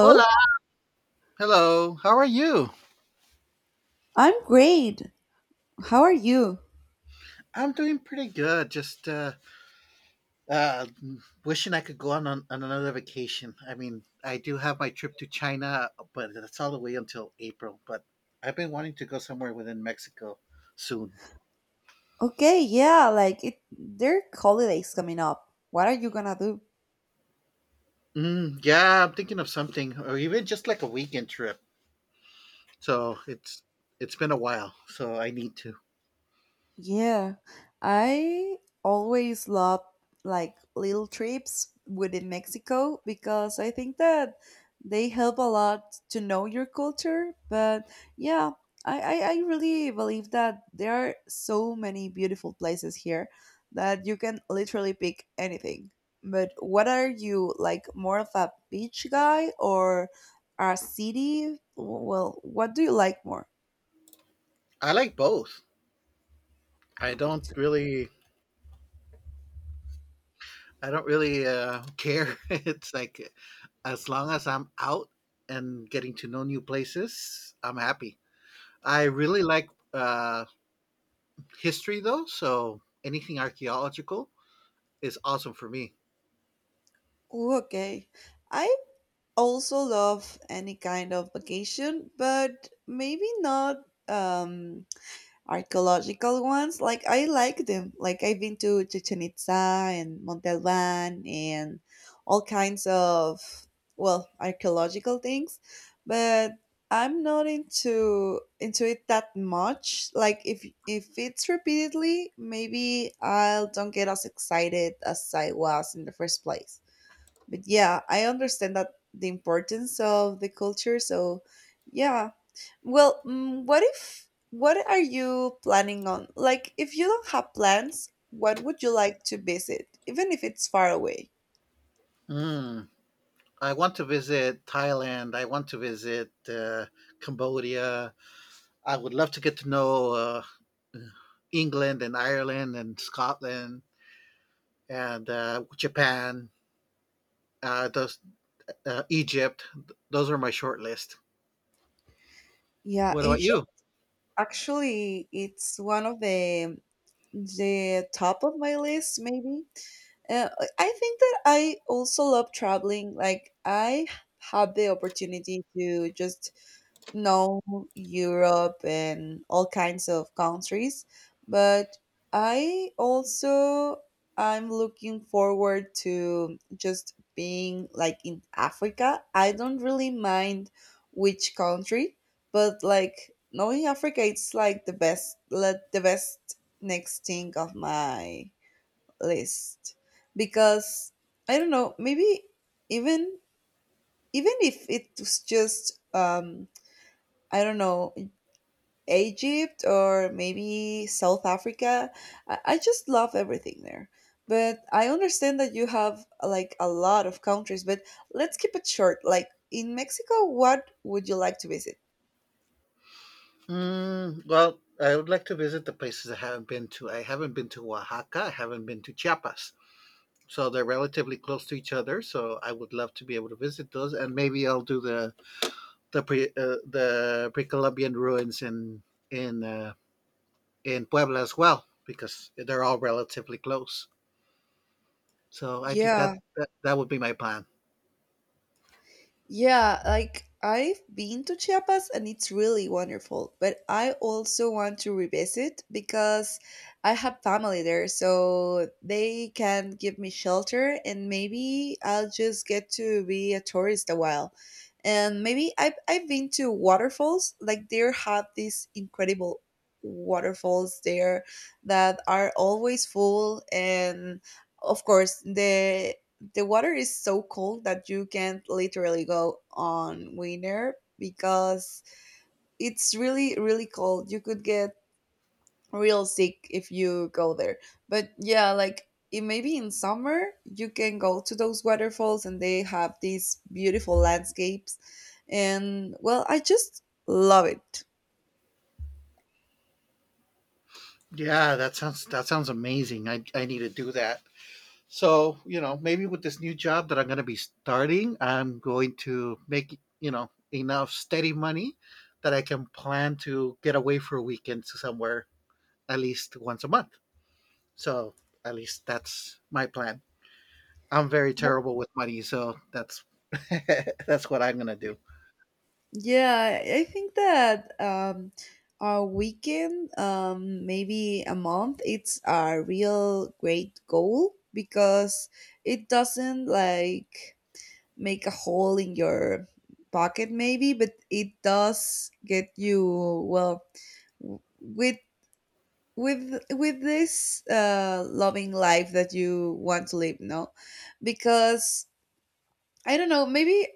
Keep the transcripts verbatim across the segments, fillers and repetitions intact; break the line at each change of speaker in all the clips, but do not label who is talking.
Hola. Hello. How are you?
I'm great. How are you?
I'm doing pretty good. Just uh, uh, wishing I could go on, on on another vacation. I mean, I do have my trip to China, but that's all the way until April. But I've been wanting to go somewhere within Mexico soon.
Okay, yeah, like it, there are holidays coming up. What are you gonna do?
Mm, yeah, I'm thinking of something, or even just like a weekend trip. So it's it's been a while, so I need to.
Yeah, I always love like little trips within Mexico because I think that they help a lot to know your culture. But yeah, I, I, I really believe that there are so many beautiful places here that you can literally pick anything. But what are you like more of a beach guy or a city? Well, what do you like more?
I like both. I don't really I don't really uh, care. It's like as long as I'm out and getting to know new places, I'm happy. I really like uh, history though, so anything archaeological is awesome for me.
Ooh, okay. I also love any kind of vacation, but maybe not um archaeological ones. Like I like them. Like I've been to Chichen Itza and Monte Alban and all kinds of well archaeological things, but I'm not into into it that much. Like if if it's repeatedly, maybe I'll don't get as excited as I was in the first place but yeah, I understand that the importance of the culture. So yeah, well, mm, what if what are you planning on? Like, if you don't have plans, what would you like to visit, even if it's far away?
Mm. I want to visit Thailand. I want to visit uh, Cambodia. I would love to get to know uh, England and Ireland and Scotland and uh, Japan, uh, those, uh, Egypt. Those are my short list.
Yeah,
What about
Egypt
you?
actually it's one of the the top of my list maybe. Uh, I I think that I also love traveling. Like I have the opportunity to just No, Europe and all kinds of countries. But I also I'm looking forward to just being like in Africa. I don't really mind which country, but like knowing Africa, it's like the best Let the best next thing of my list because I don't know maybe even even if it's just um I don't know Egypt or maybe South Africa. I, I just love everything there. But I understand that you have like a lot of countries, but let's keep it short. Like in Mexico, what would you like to visit?
Mm, well, I would like to visit the places I haven't been to. I haven't been to Oaxaca. I haven't been to Chiapas. So they're relatively close to each other. So I would love to be able to visit those, and maybe I'll do the the pre uh, the pre-Columbian ruins in in uh, in Puebla as well because they're all relatively close. So I think that
Yeah,
that, that would be my plan.
yeah, like I've been to Chiapas and it's really wonderful, but I also want to revisit because I have family there, so they can give me shelter and maybe I'll just get to be a tourist a while. And maybe I've, I've been to waterfalls, like there have these incredible waterfalls there that are always full and of course the the water is so cold that you can't literally go on winter because it's really really cold you could get real sick if you go there but yeah like it maybe in summer you can go to those waterfalls and they have these beautiful landscapes and well I just love it.
Yeah, that sounds that sounds amazing. I, I need to do that. So, you know, maybe with this new job that I'm going to be starting, I'm going to make, you know, enough steady money that I can plan to get away for a weekend to somewhere at least once a month. So, at least that's my plan. I'm very terrible with money, so that's that's what I'm going to do.
Yeah, I I think that um, a weekend, um, maybe a month, it's a real great goal because it doesn't like make a hole in your pocket, maybe, but it does get you well w- with with with this uh, loving life that you want to live. No, because I don't know, maybe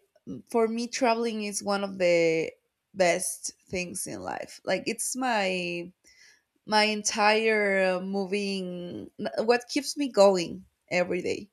for me traveling is one of the best things in life like it's my my entire uh, moving what keeps me going every day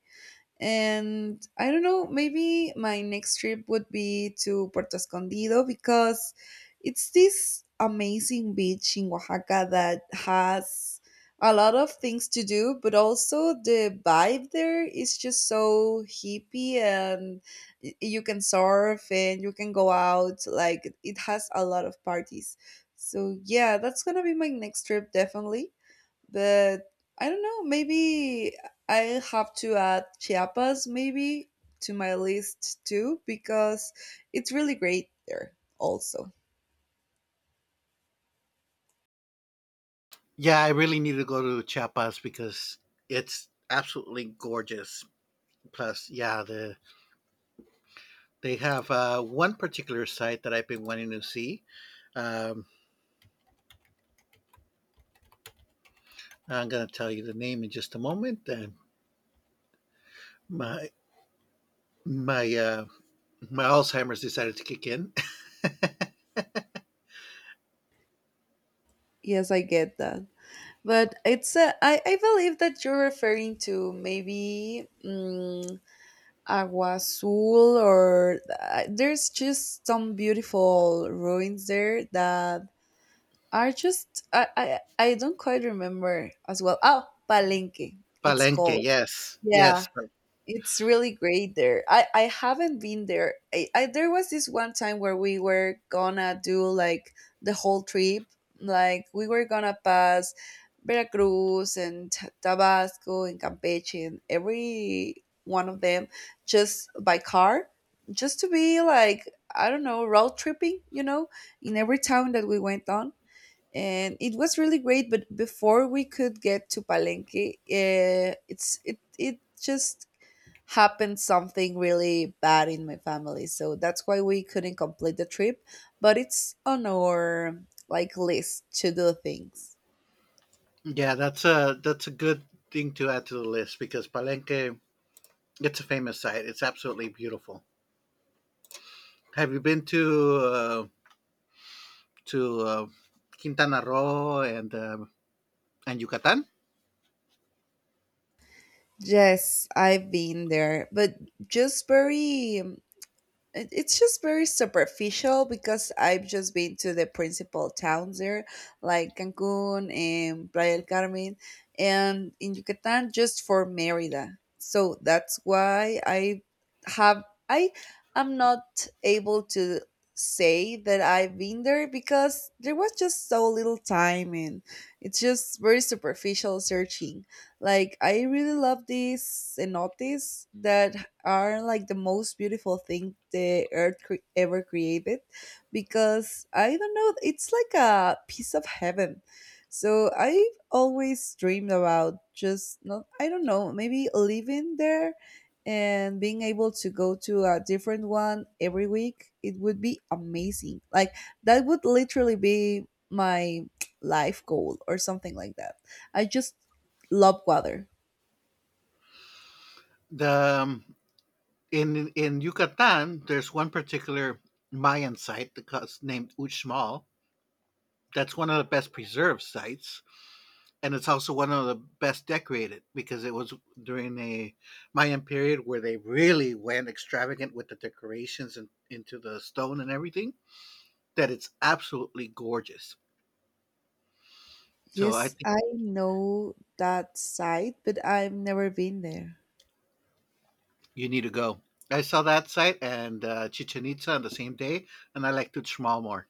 and I don't know, maybe my next trip would be to Puerto Escondido because it's this amazing beach in Oaxaca that has a lot of things to do, but also the vibe there is just so hippie and y- you can surf and you can go out. Like it has a lot of parties. So yeah, that's gonna be my next trip definitely but I don't know. Maybe I have to add Chiapas, maybe to my list too, because it's really great there. Also,
Yeah, I really need to go to Chiapas because it's absolutely gorgeous. Plus, yeah, the they have uh, one particular site that I've been wanting to see. Um, I'm going to tell you the name in just a moment. And my my uh, my Alzheimer's decided to kick in.
yes, I get that, but it's a, I, I believe that you're referring to maybe mm Agua Azul, or uh, there's just some beautiful ruins there that are just I I, I don't quite remember as well. Oh, Palenque, it's
Palenque,
called.
yes,
Yeah,
yes,
it's really great there. I, I haven't been there. I, I there was this one time where we were gonna do like the whole trip. Like we were gonna pass Veracruz and Ta- Tabasco and Campeche and every one of them just by car, just to be like I don't know road tripping. You know, in every town that we went on. And it was really great, but before we could get to Palenque, uh, it's it it just happened something really bad in my family so that's why we couldn't complete the trip but it's on our like list to do things.
yeah. That's a that's a good thing to add to the list because Palenque, it's a famous site. It's absolutely beautiful. Have you been to uh, to uh, Quintana Roo and um and Yucatan?
Yes I've been there but just very it- it's just very superficial because I've just been to the principal towns there, like Cancun and Playa del Carmen, and in Yucatan just for Merida. So that's why I have I am not able to say that I've been there because there was just so little time and it's just very superficial searching. Like I really love these cenotes that are like the most beautiful thing the earth cre- ever created because I don't know, it's like a piece of heaven. So I've always dreamed about just not, I don't know, maybe living there and being able to go to a different one every week. It would be amazing. Like, that would literally be my life goal or something like that. I just love water.
The um, in in Yucatan, there's one particular Mayan site that's named Uxmal. That's one of the best preserved sites, and it's also one of the best decorated because it was during a Mayan period where they really went extravagant with the decorations and into the stone and everything. That it's absolutely gorgeous. So I
Yes,
think
I know that side, but I've never been there.
you need to go. I saw that site and uh, Chichen Itza on the same day, and I like Tuxmal more.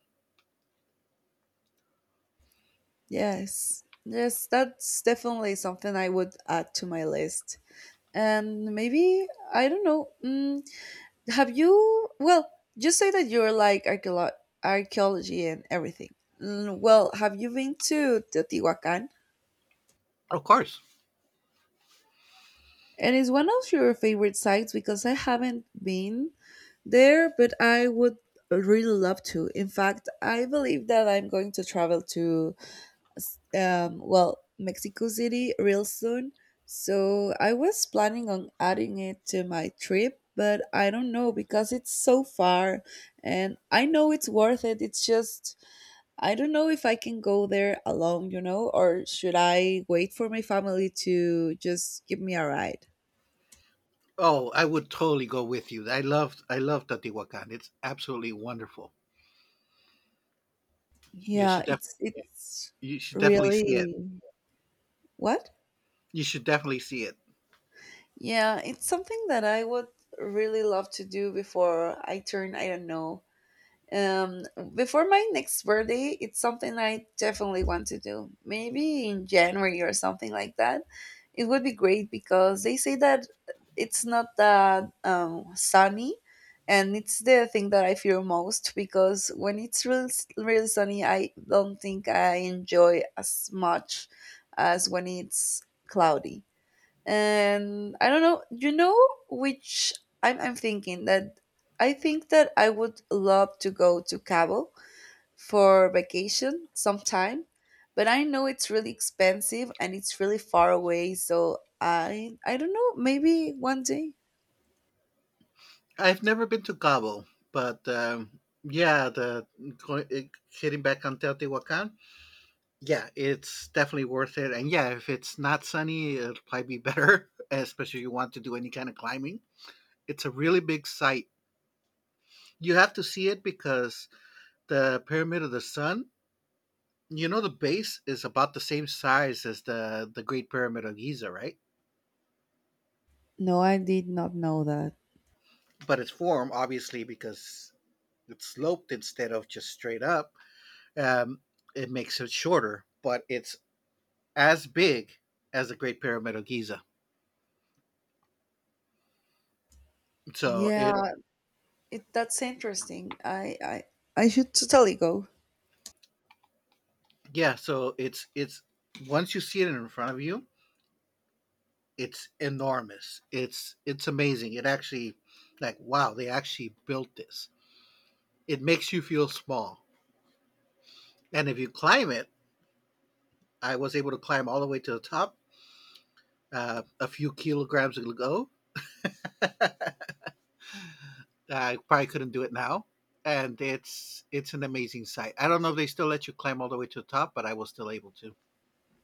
Yes, yes, that's definitely something I would add to my list. And maybe, I don't know, mm, have you, well, you say that you're like archeolo- archaeology and everything. Mm, well, have you been to Teotihuacan?
Of course.
And it's one of your favorite sites because I haven't been there, but I would really love to. In fact, I believe that I'm going to travel to um, well, Mexico City real soon. So I was planning on adding it to my trip, but I don't know because it's so far and I know it's worth it. It's just, I don't know if I can go there alone, you know, or should I wait for my family to just give me a ride?
Oh, I would totally go with you. I love I love Teotihuacan. It's absolutely wonderful. You
Yeah,
should def-
it's, it's
you should definitely see it.
really what?
You should definitely see it.
Yeah, it's something that I would really love to do before I turn, I don't know, Um, before my next birthday, it's something I definitely want to do. Maybe in January or something like that. It would be great because they say that it's not that um, sunny, and it's the thing that I fear most because when it's really really sunny, I don't think I enjoy as much as when it's cloudy and I don't know. You know which I'm I'm thinking that I think that I would love to go to Cabo for vacation sometime, but I know it's really expensive and it's really far away. So I I don't know. Maybe one day.
I've never been to Cabo, but um, yeah, the going, eh, hitting back on Teotihuacan, yeah, it's definitely worth it. And yeah, if it's not sunny, it'll probably be better, especially if you want to do any kind of climbing. It's a really big site. You have to see it because the Pyramid of the Sun, you know, the base is about the same size as the the Great Pyramid of Giza, right?
No, I did not know that.
But its form, obviously, because it's sloped instead of just straight up. Um, it makes it shorter, but it's as big as the Great Pyramid of Giza. So
Yeah,
it
it, that's interesting. I I I should totally go.
yeah, so it's it's once you see it in front of you, it's enormous. It's it's amazing. It actually like wow, they actually built this. It makes you feel small. And if you climb it, I was able to climb all the way to the top uh, a few kilograms ago. I probably couldn't do it now, and it's it's an amazing sight. I don't know if they still let you climb all the way to the top, but I was still able to.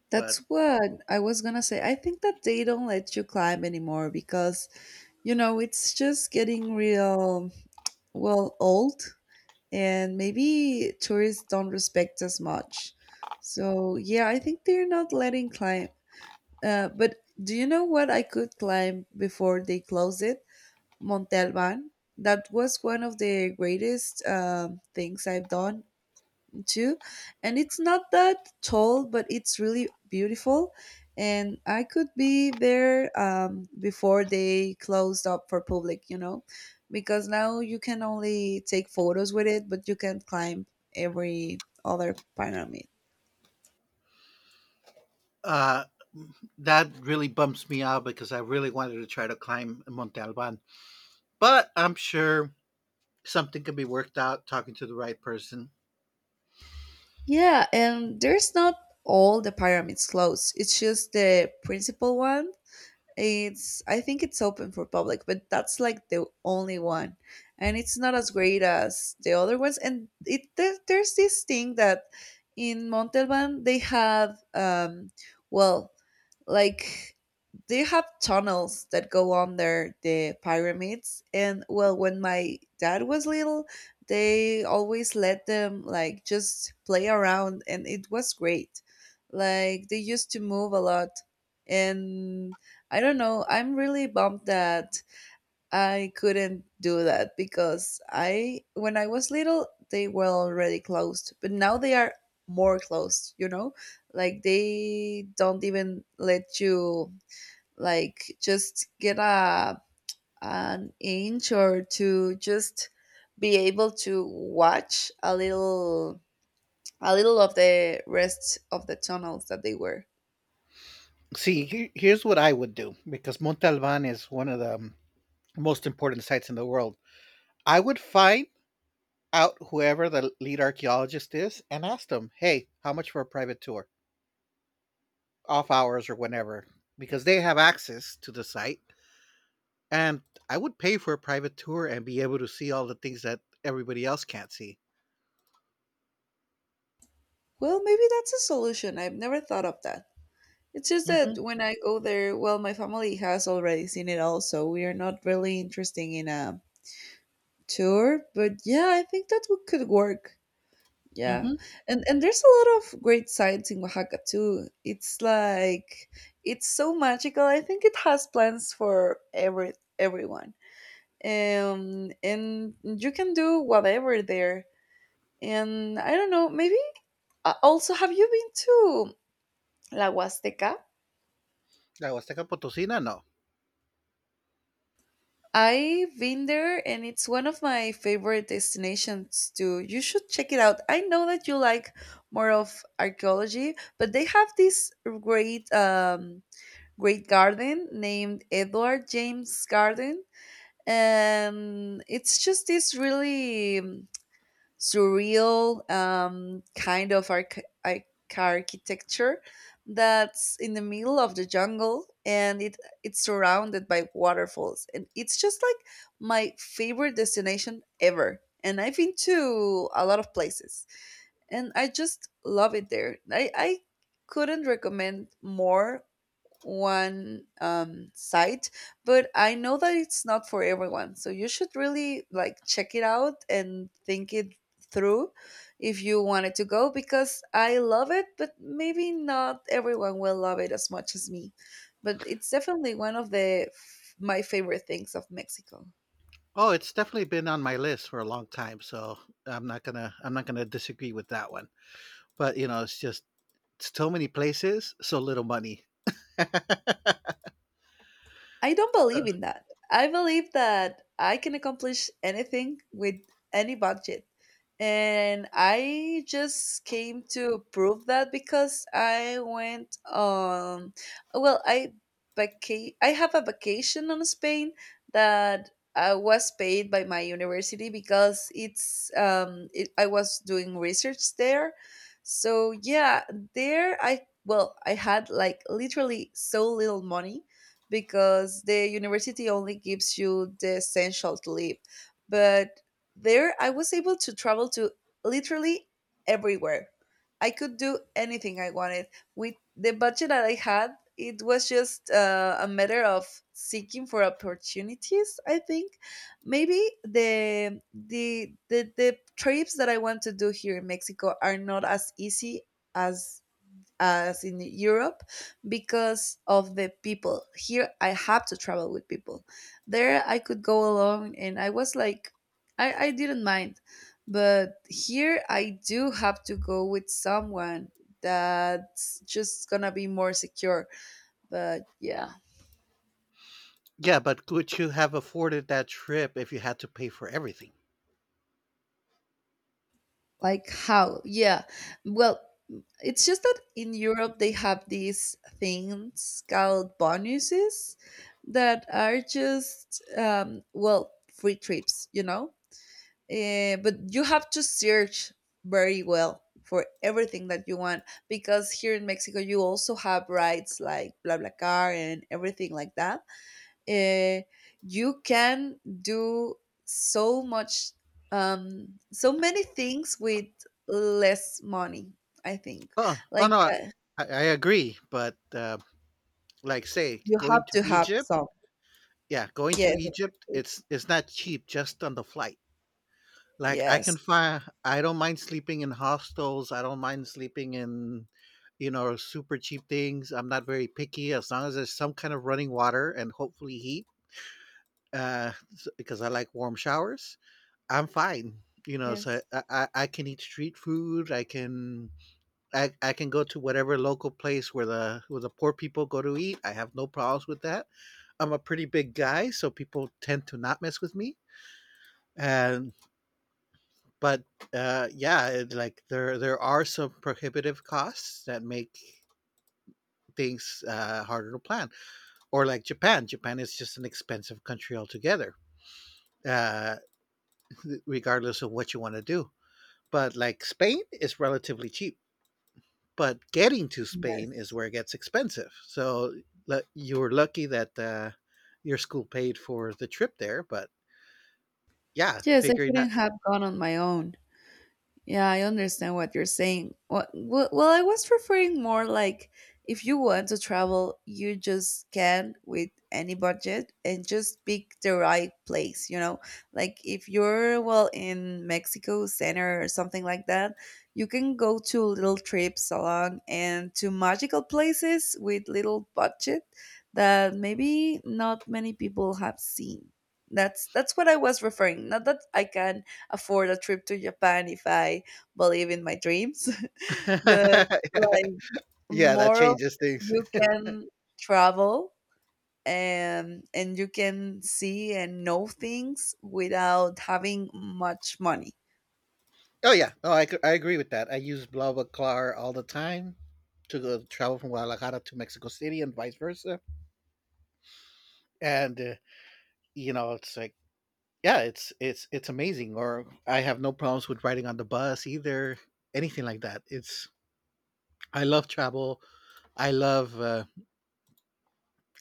That's
But
what I was gonna say. I think that they don't let you climb anymore because You know, it's just getting real, well, old, and maybe tourists don't respect as much. So, yeah, I think they're not letting climb. Uh, but do you know what I could climb before they closed it? Monte Alban. That was one of the greatest um, things I've done too. And it's not that tall, but it's really beautiful. And I could be there um, before they closed up for public, you know, because now you can only take photos with it, but you can climb every other pyramid.
uh, that really bumps me out because I really wanted to try to climb Monte Alban. But I'm sure something can be worked out talking to the right person.
Yeah, and there's not all the pyramids closed. It's just the principal one. It's I think it's open for public, but that's like the only one, and it's not as great as the other ones. And it there, there's this thing that in Montalban they have um well like they have tunnels that go under the pyramids and well when my dad was little they always let them like just play around and it was great like they used to move a lot and I don't know. I'm really bummed that I couldn't do that because I, when I was little, they were already closed, but now they are more closed, you know? Like they don't even let you like just get a an inch or to just be able to watch a little a little of the rest of the tunnels that they were.
See, he- here's what I would do because Monte Alban is one of the um, most important sites in the world. I would find out whoever the lead archaeologist is and ask them, hey, how much for a private tour? Off hours or whenever, because they have access to the site. And I would pay for a private tour and be able to see all the things that everybody else can't see.
Well, maybe that's a solution. I've never thought of that. It's just
Mm-hmm.
that when I go there, well, my family has already seen it all, so we are not really interested in a tour. But yeah, I think that would, could work. Yeah,
Mm-hmm.
and and there's a lot of great sites in Oaxaca too. It's like it's so magical. I think it has plans for every everyone. Um, and you can do whatever there. And I don't know, maybe uh, also have you been to La Huasteca?
La Huasteca Potosina, no.
I've been there and it's one of my favorite destinations too. You should check it out. I know that you like more of archaeology, but they have this great um great garden named Edward James Garden, and it's just this really surreal um, kind of arch- arch- architecture that's in the middle of the jungle, and it it's surrounded by waterfalls, and it's just like my favorite destination ever, and I've been to a lot of places and I just love it there. I, I couldn't recommend more one um, site, but I know that it's not for everyone. So you should really like check it out and think it through if you wanted to go, because I love it, but maybe not everyone will love it as much as me. But it's definitely one of the f- my favorite things of Mexico.
Oh, it's definitely been on my list for a long time, so I'm not gonna I'm not gonna disagree with that one. But you know, it's just so many places, so little money.
I don't
So,
believe in that. I believe that I can accomplish anything with any budget. And I just came to prove that, because I went on, well, I vaca- I have a vacation on Spain that I was paid by my university because it's um it, I was doing research there. So yeah, there I well, I had like literally so little money because the university only gives you the essential to live. But there, I was able to travel to literally everywhere. I could do anything I wanted. With the budget that I had, it was just uh, a matter of seeking for opportunities. I think maybe the, the the the trips that I want to do here in Mexico are not as easy as as in Europe because of the people. Here I have to travel with people. There I could go alone and I was like I, I didn't mind. But here I do have to go with someone, that's just gonna be more secure. But yeah.
yeah, but could you have afforded that trip if you had to pay for everything?
Like how? Yeah. Well, it's just that in Europe they have these things called bonuses that are just um, well, free trips, you know. Uh, but you have to search very well for everything that you want, because here in Mexico you also have rights like BlaBlaCar and everything like that. Uh, you can do so much, um, so many things with less money. I think
Oh, oh
like
no, I,
uh,
I agree. But uh, like, say,
you
going
have
to
to have
Egypt.
some.
Yeah, going to
Yes, a trip
Egypt,
to-
it's it's not cheap just on the flight. Like I can
yes,
find I don't mind sleeping in hostels, I don't mind sleeping in you know super cheap things. I'm not very picky as long as there's some kind of running water and hopefully heat uh s- because I like warm showers. I'm fine. You know, so
yes,
I, I, I can eat street food. I can I, I can go to whatever local place where the where the poor people go to eat. I have no problems with that. I'm a pretty big guy, so people tend to not mess with me. And but uh, yeah, it, like there there are some prohibitive costs that make things uh, harder to plan. Or like Japan, Japan is just an expensive country altogether, uh, regardless of what you want to do. But like Spain is relatively cheap, but getting to Spain
yes.
is where it gets expensive. So lu- you were lucky that uh, your school paid for the trip there, but yeah,
Yes, I
figuring that
couldn't have gone on my own. Yeah, I understand what you're saying. Well, well, I was referring more like if you want to travel, you just can with any budget and just pick the right place, you know? Like if you're, well, in Mexico Center or something like that, you can go to little trips along and to magical places with little budget that maybe not many people have seen. That's that's what I was referring. Not that I can afford a trip to Japan if I believe in my dreams. But like
yeah, that
more of
changes things.
you can travel, and and you can see and know things without having much money.
Oh yeah, no, I, I agree with that. I use BlaBlaCar all the time to go travel from Guadalajara to Mexico City and vice versa. And uh, you know, it's like yeah, it's it's it's amazing. Or I have no problems with riding on the bus either, anything like that. It's I love travel. I love uh,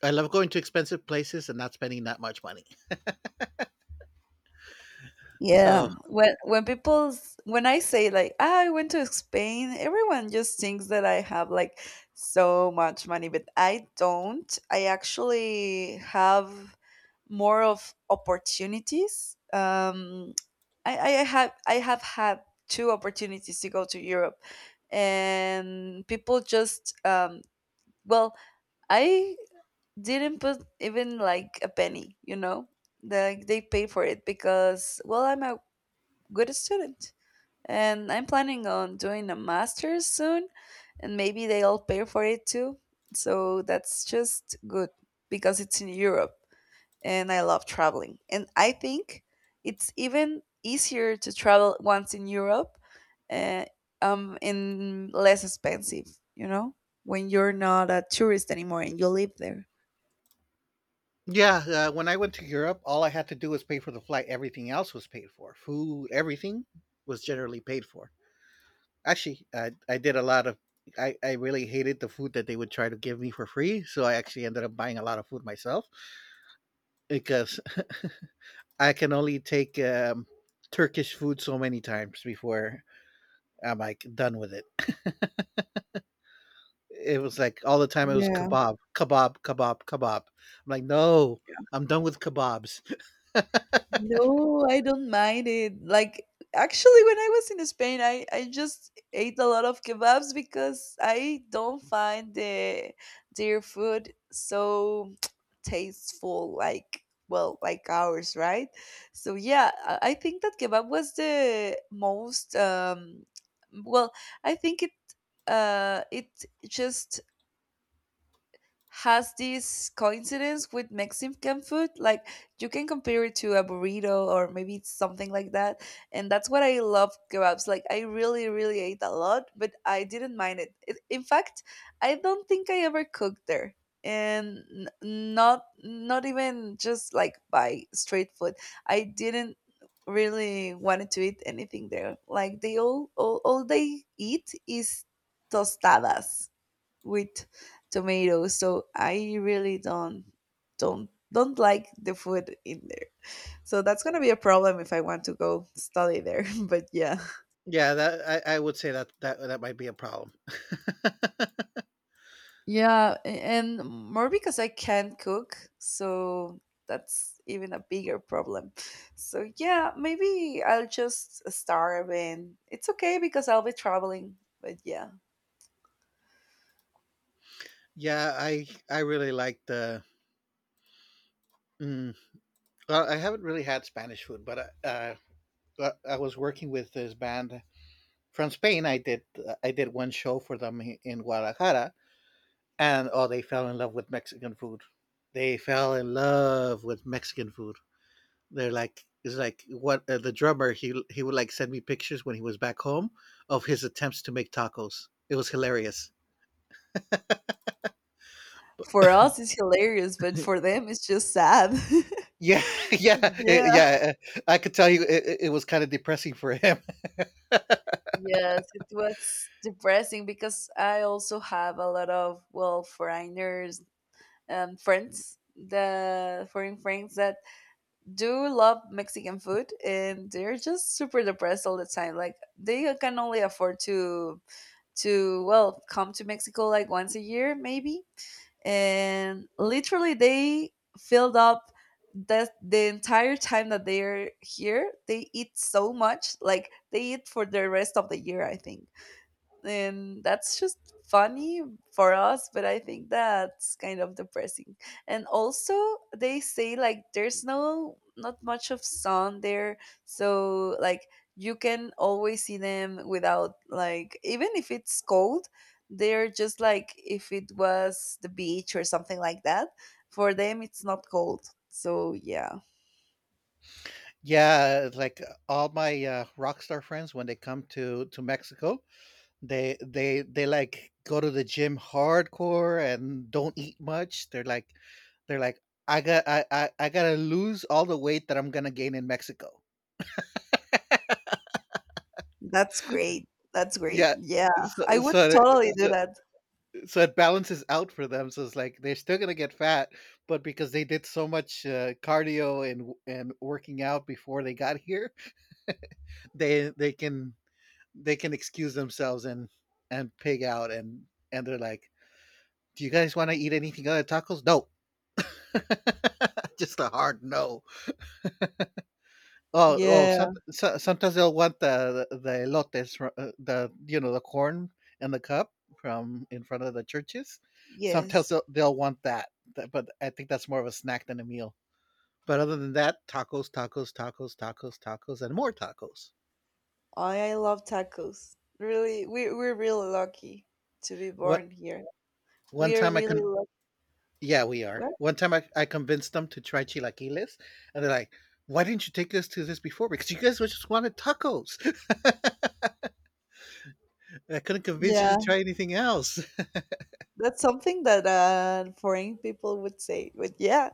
I love going to expensive places and not spending that much money. So
Yeah, when when people s- when I say like, "Ah, I went to Spain," everyone just thinks that I have like so much money, but I don't. I actually have more of opportunities. Um, I, I have I have had two opportunities to go to Europe, and people just um, well, I didn't put even like a penny, you know, like they pay for it because, well, I'm a good student. And I'm planning on doing a master's soon, and maybe they'll pay for it too. So that's just good because it's in Europe and I love traveling. And I think it's even easier to travel once in Europe uh, um, and less expensive, you know, when you're not a tourist anymore and you live there.
yeah, uh, when I went to Europe, all I had to do was pay for the flight. Everything else was paid for. Food, everything was generally paid for. Actually, I, I did a lot of. I, I really hated the food that they would try to give me for free, so I actually ended up buying a lot of food myself because I can only take um, Turkish food so many times before I'm like done with it. It was like all the time it was
Yeah.
kebab, kebab, kebab, kebab. I'm like, no, I'm done with kebabs.
No, I don't mind it. Like, actually, when I was in Spain, I, I just ate a lot of kebabs because I don't find the their food so tasteful, like, well, like ours, right? So, yeah, I I think that kebab was the most, um, well, I think it uh it just has this coincidence with Mexican food. Like you can compare it to a burrito or maybe it's something like that. And that's what I love kebabs. Like I really, really ate a lot, but I didn't mind it. It in fact, I don't think I ever cooked there. And n- not not even just like by street food. I didn't really wanted to eat anything there. Like they all all, all they eat is tostadas with tomatoes, so I really don't don't don't like the food in there, so that's going to be a problem if I want to go study there. But yeah.
Yeah, that I, I would say that that that might be a problem.
Yeah, a- and more because I can't cook, so that's even a bigger problem. So yeah, maybe I'll just starve and it's okay because I'll be traveling. But yeah.
Yeah, I I really like the. Mm, well, I haven't really had Spanish food, but I, uh, uh, I- was working with this band from Spain. I did I did one show for them in Guadalajara, and oh, they fell in love with Mexican food. They fell in love with Mexican food. They're like it's like what uh, the drummer he he would like send me pictures when he was back home of his attempts to make tacos. It was hilarious.
For us it's hilarious, but for them it's just sad.
Yeah, yeah, eh,
Yeah.
yeah. eh, I could tell you it, it was kind of depressing for him.
Yes, it was depressing because I also have a lot of, well, foreigners and friends, the foreign friends that do love Mexican food, and they're just super depressed all the time. Like they can only afford to to well, come to Mexico like once a year maybe. And literally they filled up that the entire time that they're here, they eat so much, like they eat for the rest of the year, I think, and that's just funny for us, but I think that's kind of depressing. And also they say like there's no not much of sun there, so like you can always see them without like, even if it's cold, they're just like if it was the beach or something like that. For them it's not cold, so yeah.
Yeah, like all my uh, rock star friends when they come to to Mexico, They they they like go to the gym hardcore and don't eat much. They're like they're like I got I I, I gotta lose all the weight that I'm gonna gain in Mexico.
That's great. That's great,
Yeah.
yeah. I
So,
would
so
totally
it-
do
so
that.
so it balances out for them. So it's like they're still gonna get fat, but because they did so much uh, cardio and and working out before they got here, they they can they can excuse themselves and and pig out and and they're like, do you guys want to eat anything other than tacos? No, just a hard no. Oh, oh.
Yeah.
Some, so, sometimes they'll want the the, the elotes, fro- uh, the you know the corn and the cup from in front of the churches. Sometimes
Yes.
they'll, they'll want that. Th- but I think that's more of a snack than a meal. But other than that, tacos, tacos, tacos, tacos, tacos, and more tacos.
I I love tacos. Really, we we're really lucky to be
What
born here.
one
We are
time I can.
really lucky.
Yeah, we are.
What?
One time I, I convinced them to try chilaquiles, and they're like, "Why didn't you take us to this before? Because you guys just wanted tacos." I couldn't convince you to
Yeah,
try anything else.
that's something that uh, foreign people would say. But yeah,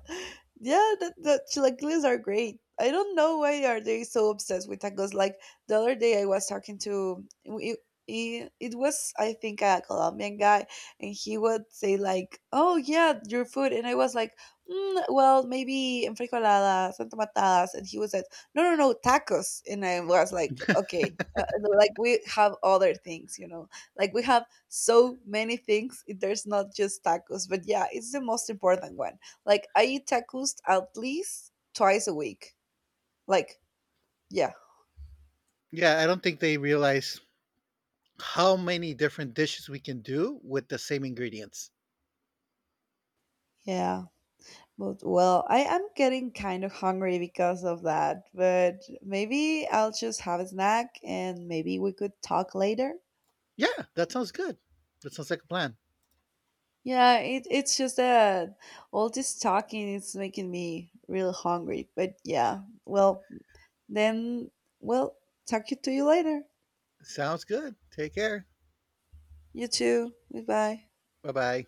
yeah, that, that chilaquiles are great. I don't know why are they so obsessed with tacos. Like the other day, I was talking to it, it, it was I think a Colombian guy, and he would say like, "Oh yeah, your food," and I was like, mm, "Well, maybe enfrijoladas, santa matadas," and he was like, "No, no, no, tacos," and I was like, "Okay." Uh, uh, like we have other things, you know, like we have so many things, there's not just tacos, but yeah, it's the most important one. Like I eat tacos at least twice a week. Like yeah.
Yeah, I don't think they realize how many different dishes we can do with the same ingredients.
Yeah. But well, I am getting kind of hungry because of that. But maybe I'll just have a snack and maybe we could talk later.
Yeah, that sounds good. That sounds like a plan.
Yeah, it, it's just that all this talking is making me real hungry. But yeah, well, then, well, talk to you later.
Sounds good. Take care.
You too. Goodbye.
Bye bye.